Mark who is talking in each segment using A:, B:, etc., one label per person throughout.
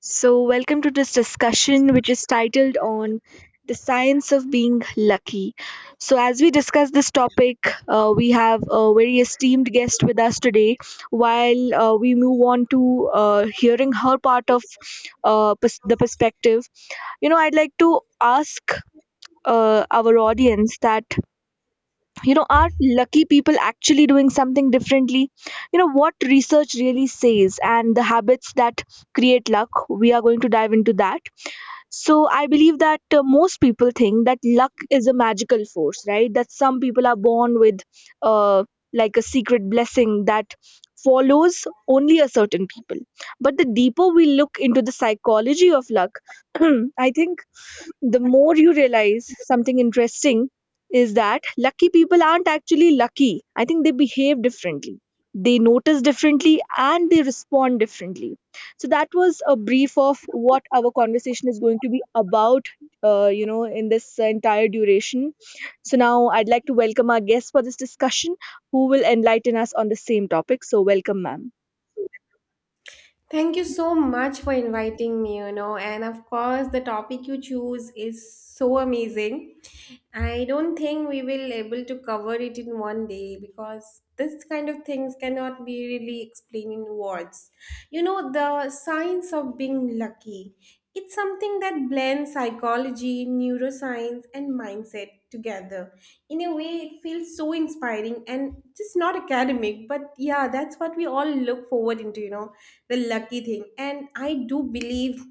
A: So, welcome to this discussion, which is titled on the science of being lucky. So, as we discuss this topic, we have a very esteemed guest with us today. While we move on to hearing her part of the perspective, you know, I'd like to ask our audience that, you know, are lucky people actually doing something differently? You know, what research really says and the habits that create luck, we are going to dive into that. So I believe that most people think that luck is a magical force, right? That some people are born with uh, like a secret blessing that follows only a certain people. But the deeper we look into the psychology of luck, I think the more you realize something interesting is that lucky people aren't actually lucky. I think they behave differently. They notice differently and they respond differently. So that was a brief of what our conversation is going to be about, you know, in this entire duration. So now I'd like to welcome our guest for this discussion, who will enlighten us on the same topic. So welcome, ma'am.
B: Thank you so much for inviting me, you know, and of course, the topic you choose is so amazing. I don't think we will able to cover it in one day because this kind of things cannot be really explained in words. You know, the science of being lucky. It's something that blends psychology, neuroscience, and mindset together. In a way, it feels so inspiring and just not academic, but yeah, that's what we all look forward into, you know, the lucky thing. And I do believe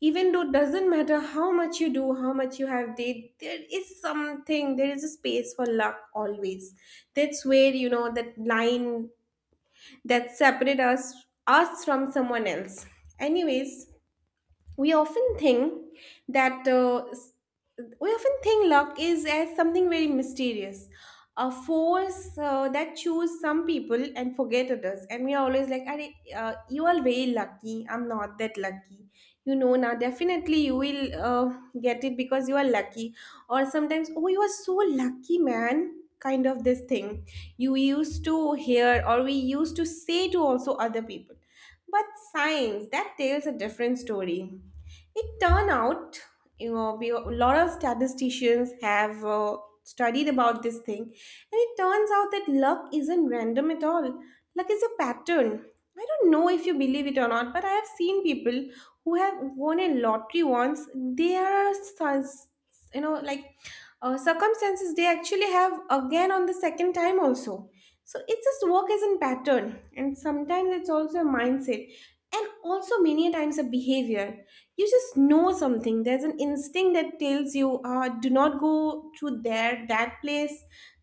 B: even though it doesn't matter how much you do how much you have did, there is something, there is a space for luck always. That's where, you know, that line that separate us from someone else. Anyways, we often think that uh, s- we often think luck is as something very mysterious, a force that choose some people and forget others. And we are always like, "Arey, you are very lucky, I'm not that lucky, you know, now definitely you will uh, get it because you are lucky." Or sometimes, "Oh, you are so lucky, man," kind of this thing you used to hear, or we used to say to also other people. But science that tells a different story. It turned out, you know, we, a lot of statisticians have studied about this thing, and it turns out that luck isn't random at all. Luck is a pattern. I don't know if you believe it or not, but I have seen people who have won a lottery once. They are, you know, like circumstances, they actually have again on the second time also. So it's just work as a pattern, and sometimes it's also a mindset, and also many a times a behavior. You just know something, there's an instinct that tells you, do not go to there that place,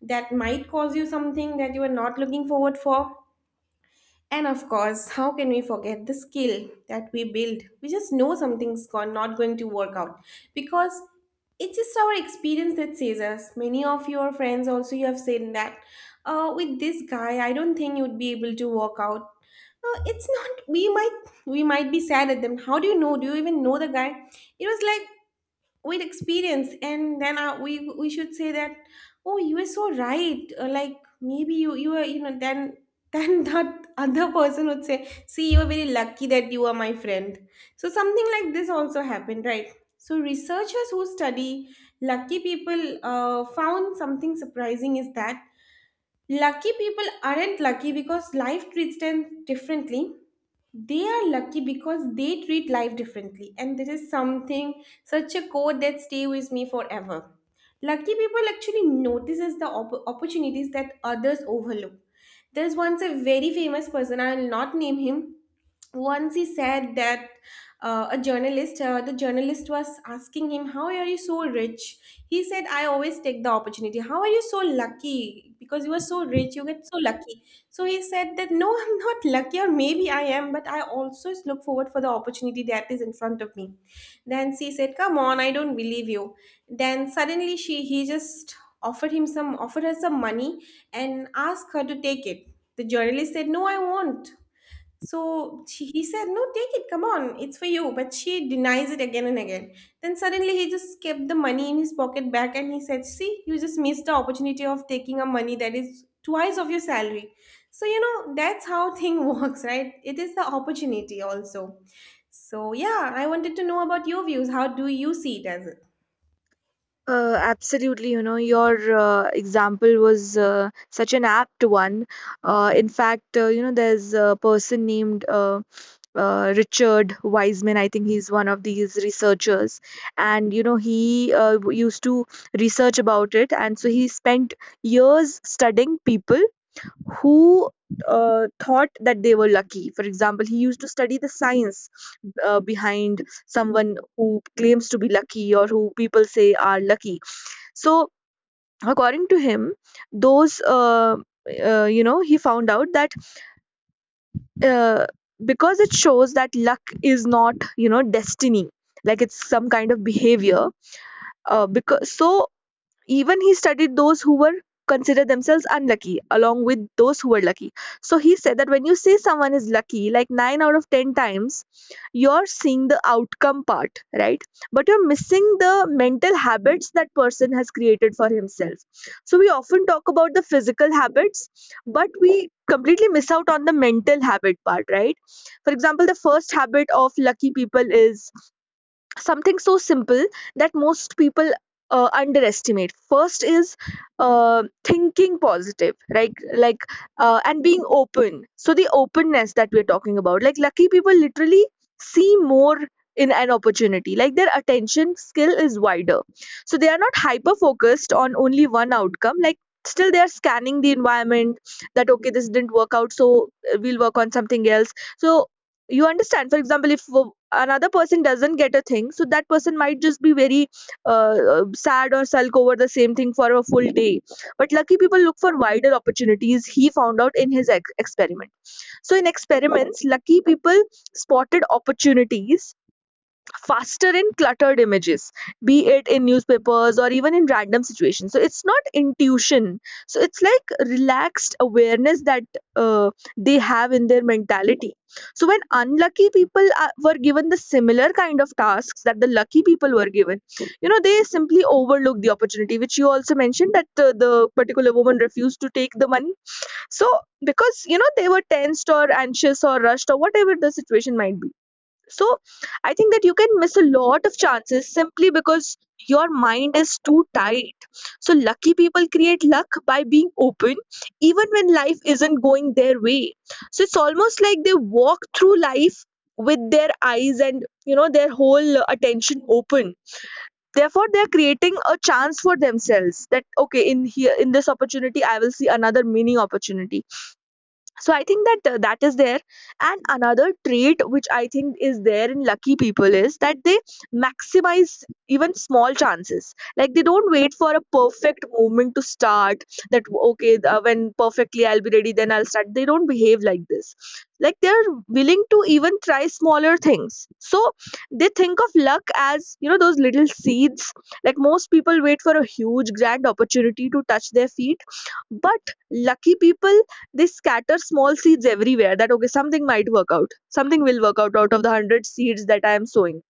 B: that might cause you something that you are not looking forward for. And of course, how can we forget the skill that we build? We just know not going to work out because it's just our experience that says us. Many of your friends also you have said that with this guy, I don't think you'd be able to work out. It's not. We might be sad at them. How do you know? Do you even know the guy? It was like, with experience, and then we should say that, oh, you were so right. Or like, maybe you you were, you know, then that other person would say, see, you are very lucky that you are my friend. So something like this also happened, right? So researchers who study lucky people found something surprising is that lucky people aren't lucky because life treats them differently. They are lucky because they treat life differently, and this is something, such a quote, that stay with me forever. Lucky people actually notices the opportunities that others overlook. There's once a very famous person, I'll not name him. Once he said that, uh, a journalist, the journalist was asking him, how are you so rich? He said, I always take the opportunity. How are you so lucky, because you are so rich, you get so lucky. So he said that, no, I'm not lucky, or maybe I am, but I also look forward for the opportunity that is in front of me. Then she said, come on, I don't believe you. Then suddenly she, he just offered her some money and asked her to take it. The journalist said, no, I won't. So she, he said, no, take it, come on, it's for you. But she denies it again and again. Then suddenly he just kept the money in his pocket back, and he said, see, you just missed the opportunity of taking a money that is twice of your salary. So, you know, that's how thing works, right? It is the opportunity also. So, yeah, I wanted to know about your views. How do you see it as?
A: Absolutely, you know, your example was such an apt one. In fact, you know, there's a person named Richard Wiseman. I think he's one of these researchers, and you know, he used to research about it, and so he spent years studying people who thought that they were lucky. For example, he used to study the science behind someone who claims to be lucky or who people say are lucky. So according to him, those you know, he found out that uh, because it shows that luck is not, you know, destiny, like it's some kind of behavior. Uh, because so even he studied those who were considered themselves unlucky along with those who were lucky. So he said that when you say someone is lucky, like 9 out of 10 times, you're seeing the outcome part, right? But you're missing the mental habits that person has created for himself. So we often talk about the physical habits, but we completely miss out on the mental habit part, right? For example, the first habit of lucky people is something so simple that most people underestimate. First is thinking positive, right? Like and being open. So the openness that we're talking about, like lucky people literally see more in an opportunity, like their attention skill is wider. So they are not hyper focused on only one outcome. Like still they are scanning the environment that okay, this didn't work out, so we'll work on something else. So you understand, for example, if another person doesn't get a thing, so that person might just be very sad or sulk over the same thing for a full day, but lucky people look for wider opportunities. He found out in his experiment, so in experiments, lucky people spotted opportunities faster in cluttered images, be it in newspapers or even in random situations. So it's not intuition. So it's like relaxed awareness that uh, they have in their mentality. So when unlucky people are, were given the similar kind of tasks that the lucky people were given, you know, they simply overlook the opportunity, which you also mentioned, that the particular woman refused to take the money. So because, you know, they were tensed or anxious or rushed or whatever the situation might be, so I think that you can miss a lot of chances simply because your mind is too tight. So lucky people create luck by being open even when life isn't going their way. So it's almost like they walk through life with their eyes and, you know, their whole attention open, therefore they're creating a chance for themselves that okay, in here in this opportunity I will see another mini opportunity. So I think that that is there. And another trait which I think is there in lucky people is that they maximize even small chances. Like they don't wait for a perfect moment to start, that okay, when perfectly I'll be ready then I'll start. They don't behave like this. Like they're willing to even try smaller things. So they think of luck as, you know, those little seeds. Like most people wait for a huge grand opportunity to touch their feet, but lucky people, they scatter small seeds everywhere that, okay, something might work out. Something will work out out of the 100 seeds that I am sowing.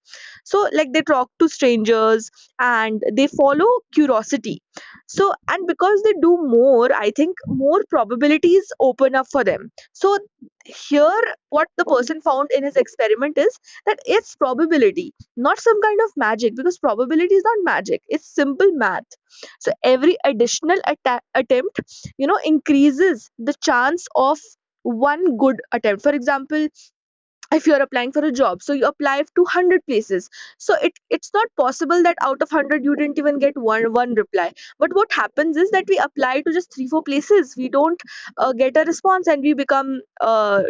A: So like they talk to strangers and they follow curiosity. So and because they do more, I think more probabilities open up for them. So here what the person found in his experiment is that it's probability, not some kind of magic, because probability is not magic, it's simple math. So every additional attempt, you know, increases the chance of one good attempt. For example, if you're applying for a job, so you apply to 100 places, so it's not possible that out of 100 you didn't even get one reply. But what happens is that we apply to just 3 or 4 places, we don't get a response, and we become uh,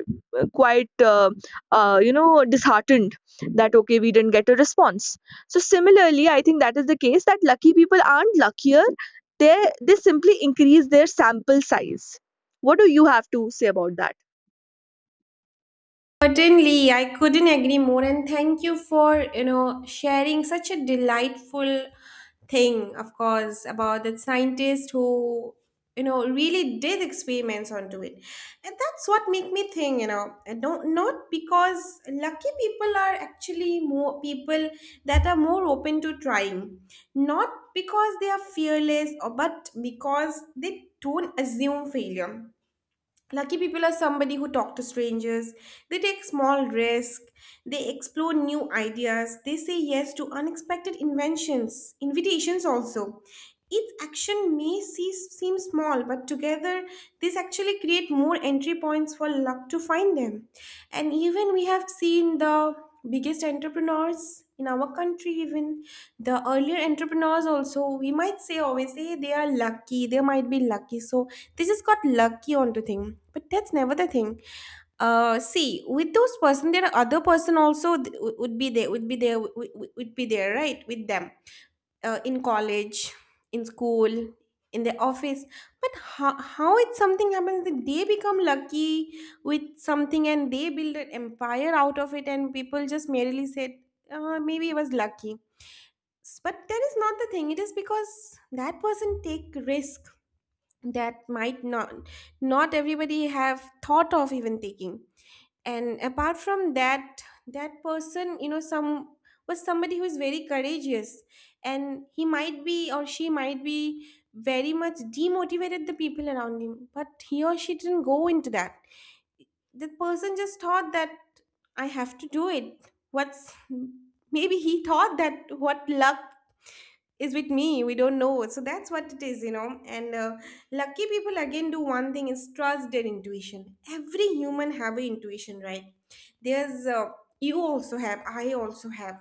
A: quite you know, disheartened, that okay, we didn't get a response. So similarly I think that is the case, that lucky people aren't luckier, they they simply increase their sample size. What do you have to say about that?
B: Certainly, I couldn't agree more, and thank you for, you know, sharing such a delightful thing, of course, about that scientist who, you know, really did experiments onto it. And that's what make me think, you know, and not because lucky people are actually more people that are more open to trying, not because they are fearless, or but because they don't assume failure. Lucky people are somebody who talk to strangers, they take small risks, they explore new ideas, they say yes to unexpected invitations also. Each action may seem small, but together this actually create more entry points for luck to find them. And even we have seen the biggest entrepreneurs in our country, even the earlier entrepreneurs also, we might say, always say they are lucky. They might be lucky, so they just got lucky onto thing, but that's never the thing. Uh, see, with those person there are other person also would be there, would be there, would be there, right, with them, in college, in school, in the office. But how it something happens that they become lucky with something and they build an empire out of it, and people just merely said, maybe he was lucky. But that is not the thing. It is because that person take risk that might not, not everybody have thought of even taking. And apart from that, that person, you know, some was somebody who is very courageous. And he might be or she might be very much demotivated the people around him, but he or she didn't go into that. The person just thought that, I have to do it. What's, maybe he thought that what luck is with me, we don't know. So that's what it is, you know. And lucky people again do one thing is trust their intuition. Every human have an intuition, right? There's You also have, I also have,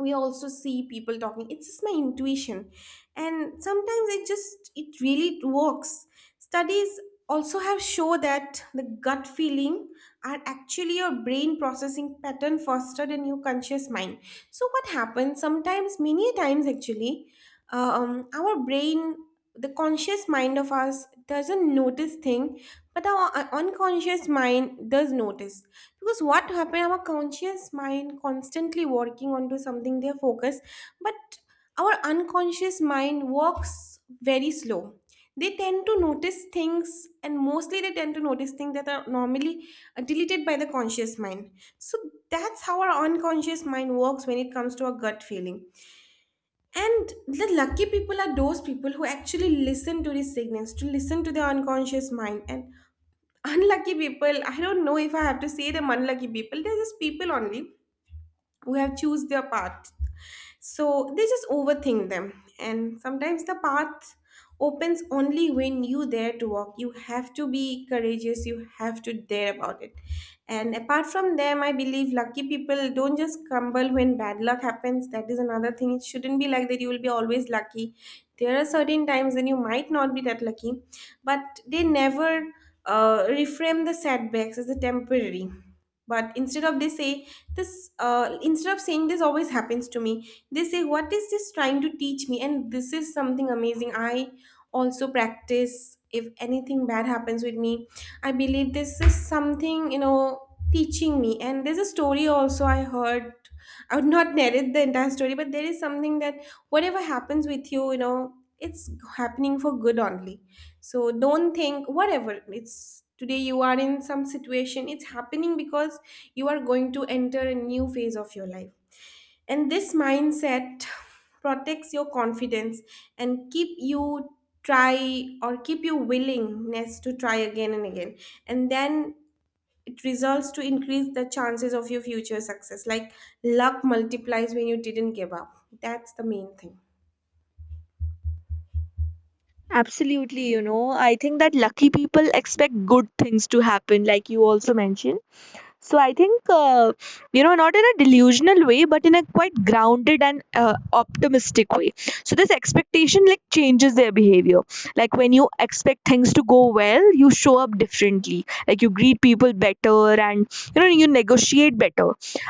B: we also see people talking, it's just my intuition. And sometimes it just, it really works. Studies also have shown that the gut feeling are actually your brain processing pattern faster than your conscious mind. So what happens sometimes, many times actually, our brain, the conscious mind of us, doesn't notice thing, but our unconscious mind does notice. Because what happened, our conscious mind constantly working onto something, they focus. But our unconscious mind works very slow, they tend to notice things, and mostly they tend to notice things that are normally deleted by the conscious mind. So that's how our unconscious mind works when it comes to our gut feeling. And the lucky people are those people who actually listen to the signals, to listen to their unconscious mind. And unlucky people, I don't know if I have to say them unlucky people, they're just people only who have choose their path. So they just overthink them. And sometimes the path opens only when you dare to walk. You have to be courageous, you have to dare about it. And apart from them, I believe lucky people don't just crumble when bad luck happens. That is another thing. It shouldn't be like that you will be always lucky. There are certain times when you might not be that lucky, but they never reframe the setbacks as a temporary. But instead of they say this, instead of saying, this always happens to me, they say, what is this trying to teach me? And this is something amazing I also practice. If anything bad happens with me, I believe this is something, you know, teaching me. And there's a story also I heard, I would not narrate the entire story, but there is something that whatever happens with you, you know, it's happening for good only. So don't think whatever it's today you are in some situation, it's happening because you are going to enter a new phase of your life. And this mindset protects your confidence and keep you try, or keep you willingness to try again and again. And then it results to increase the chances of your future success. Like, luck multiplies when you didn't give up. That's the main thing.
A: Absolutely, you know, I think that lucky people expect good things to happen, like you also mentioned. So I think, you know, not in a delusional way, but in a quite grounded and optimistic way. So this expectation like changes their behavior. Like when you expect things to go well, you show up differently. Like you greet people better, and you know you negotiate better.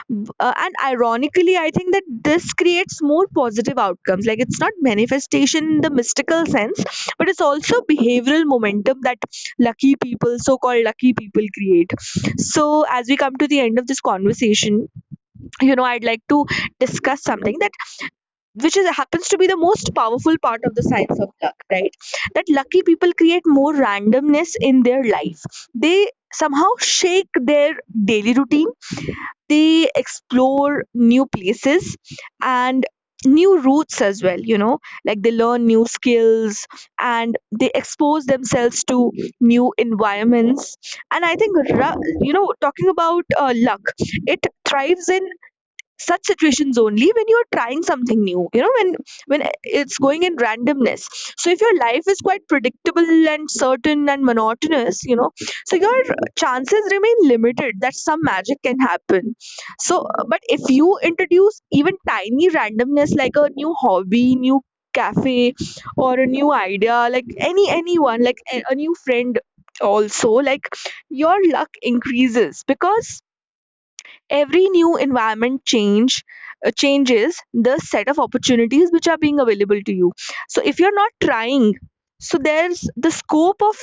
A: And ironically, I think that this creates more positive outcomes. Like it's not manifestation in the mystical sense, but it's also behavioral momentum that lucky people, so-called lucky people, create. So as we come to the end of this conversation, you know, I'd like to discuss something that, which is happens to be the most powerful part of the science of luck, right? That lucky people create more randomness in their life. They somehow shake their daily routine, they explore new places and new routes as well, you know, like they learn new skills and they expose themselves to new environments. And I think, you know, talking about luck, it thrives in such situations only when you're trying something new, you know, when it's going in randomness. So if your life is quite predictable and certain and monotonous, you know, so your chances remain limited that some magic can happen. So but if you introduce even tiny randomness, like a new hobby, new cafe, or a new idea, like any anyone, like a new friend also, like your luck increases because every new environment change changes the set of opportunities which are being available to you. So if you're not trying, so there's the scope of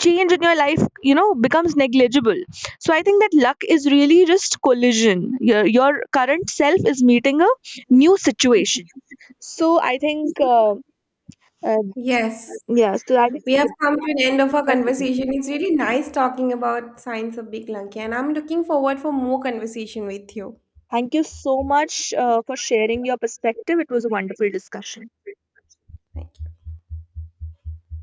A: change in your life, you know, becomes negligible. So I think that luck is really just collision. Your current self is meeting a new situation. um,
B: Yes.
A: yeah, so that is,
B: We have come to an end of our conversation. It's really nice talking about science of Big Lanky, and I'm looking forward for more conversation with you.
A: thank you so much for sharing your perspective. It was a wonderful discussion.
B: Thank you.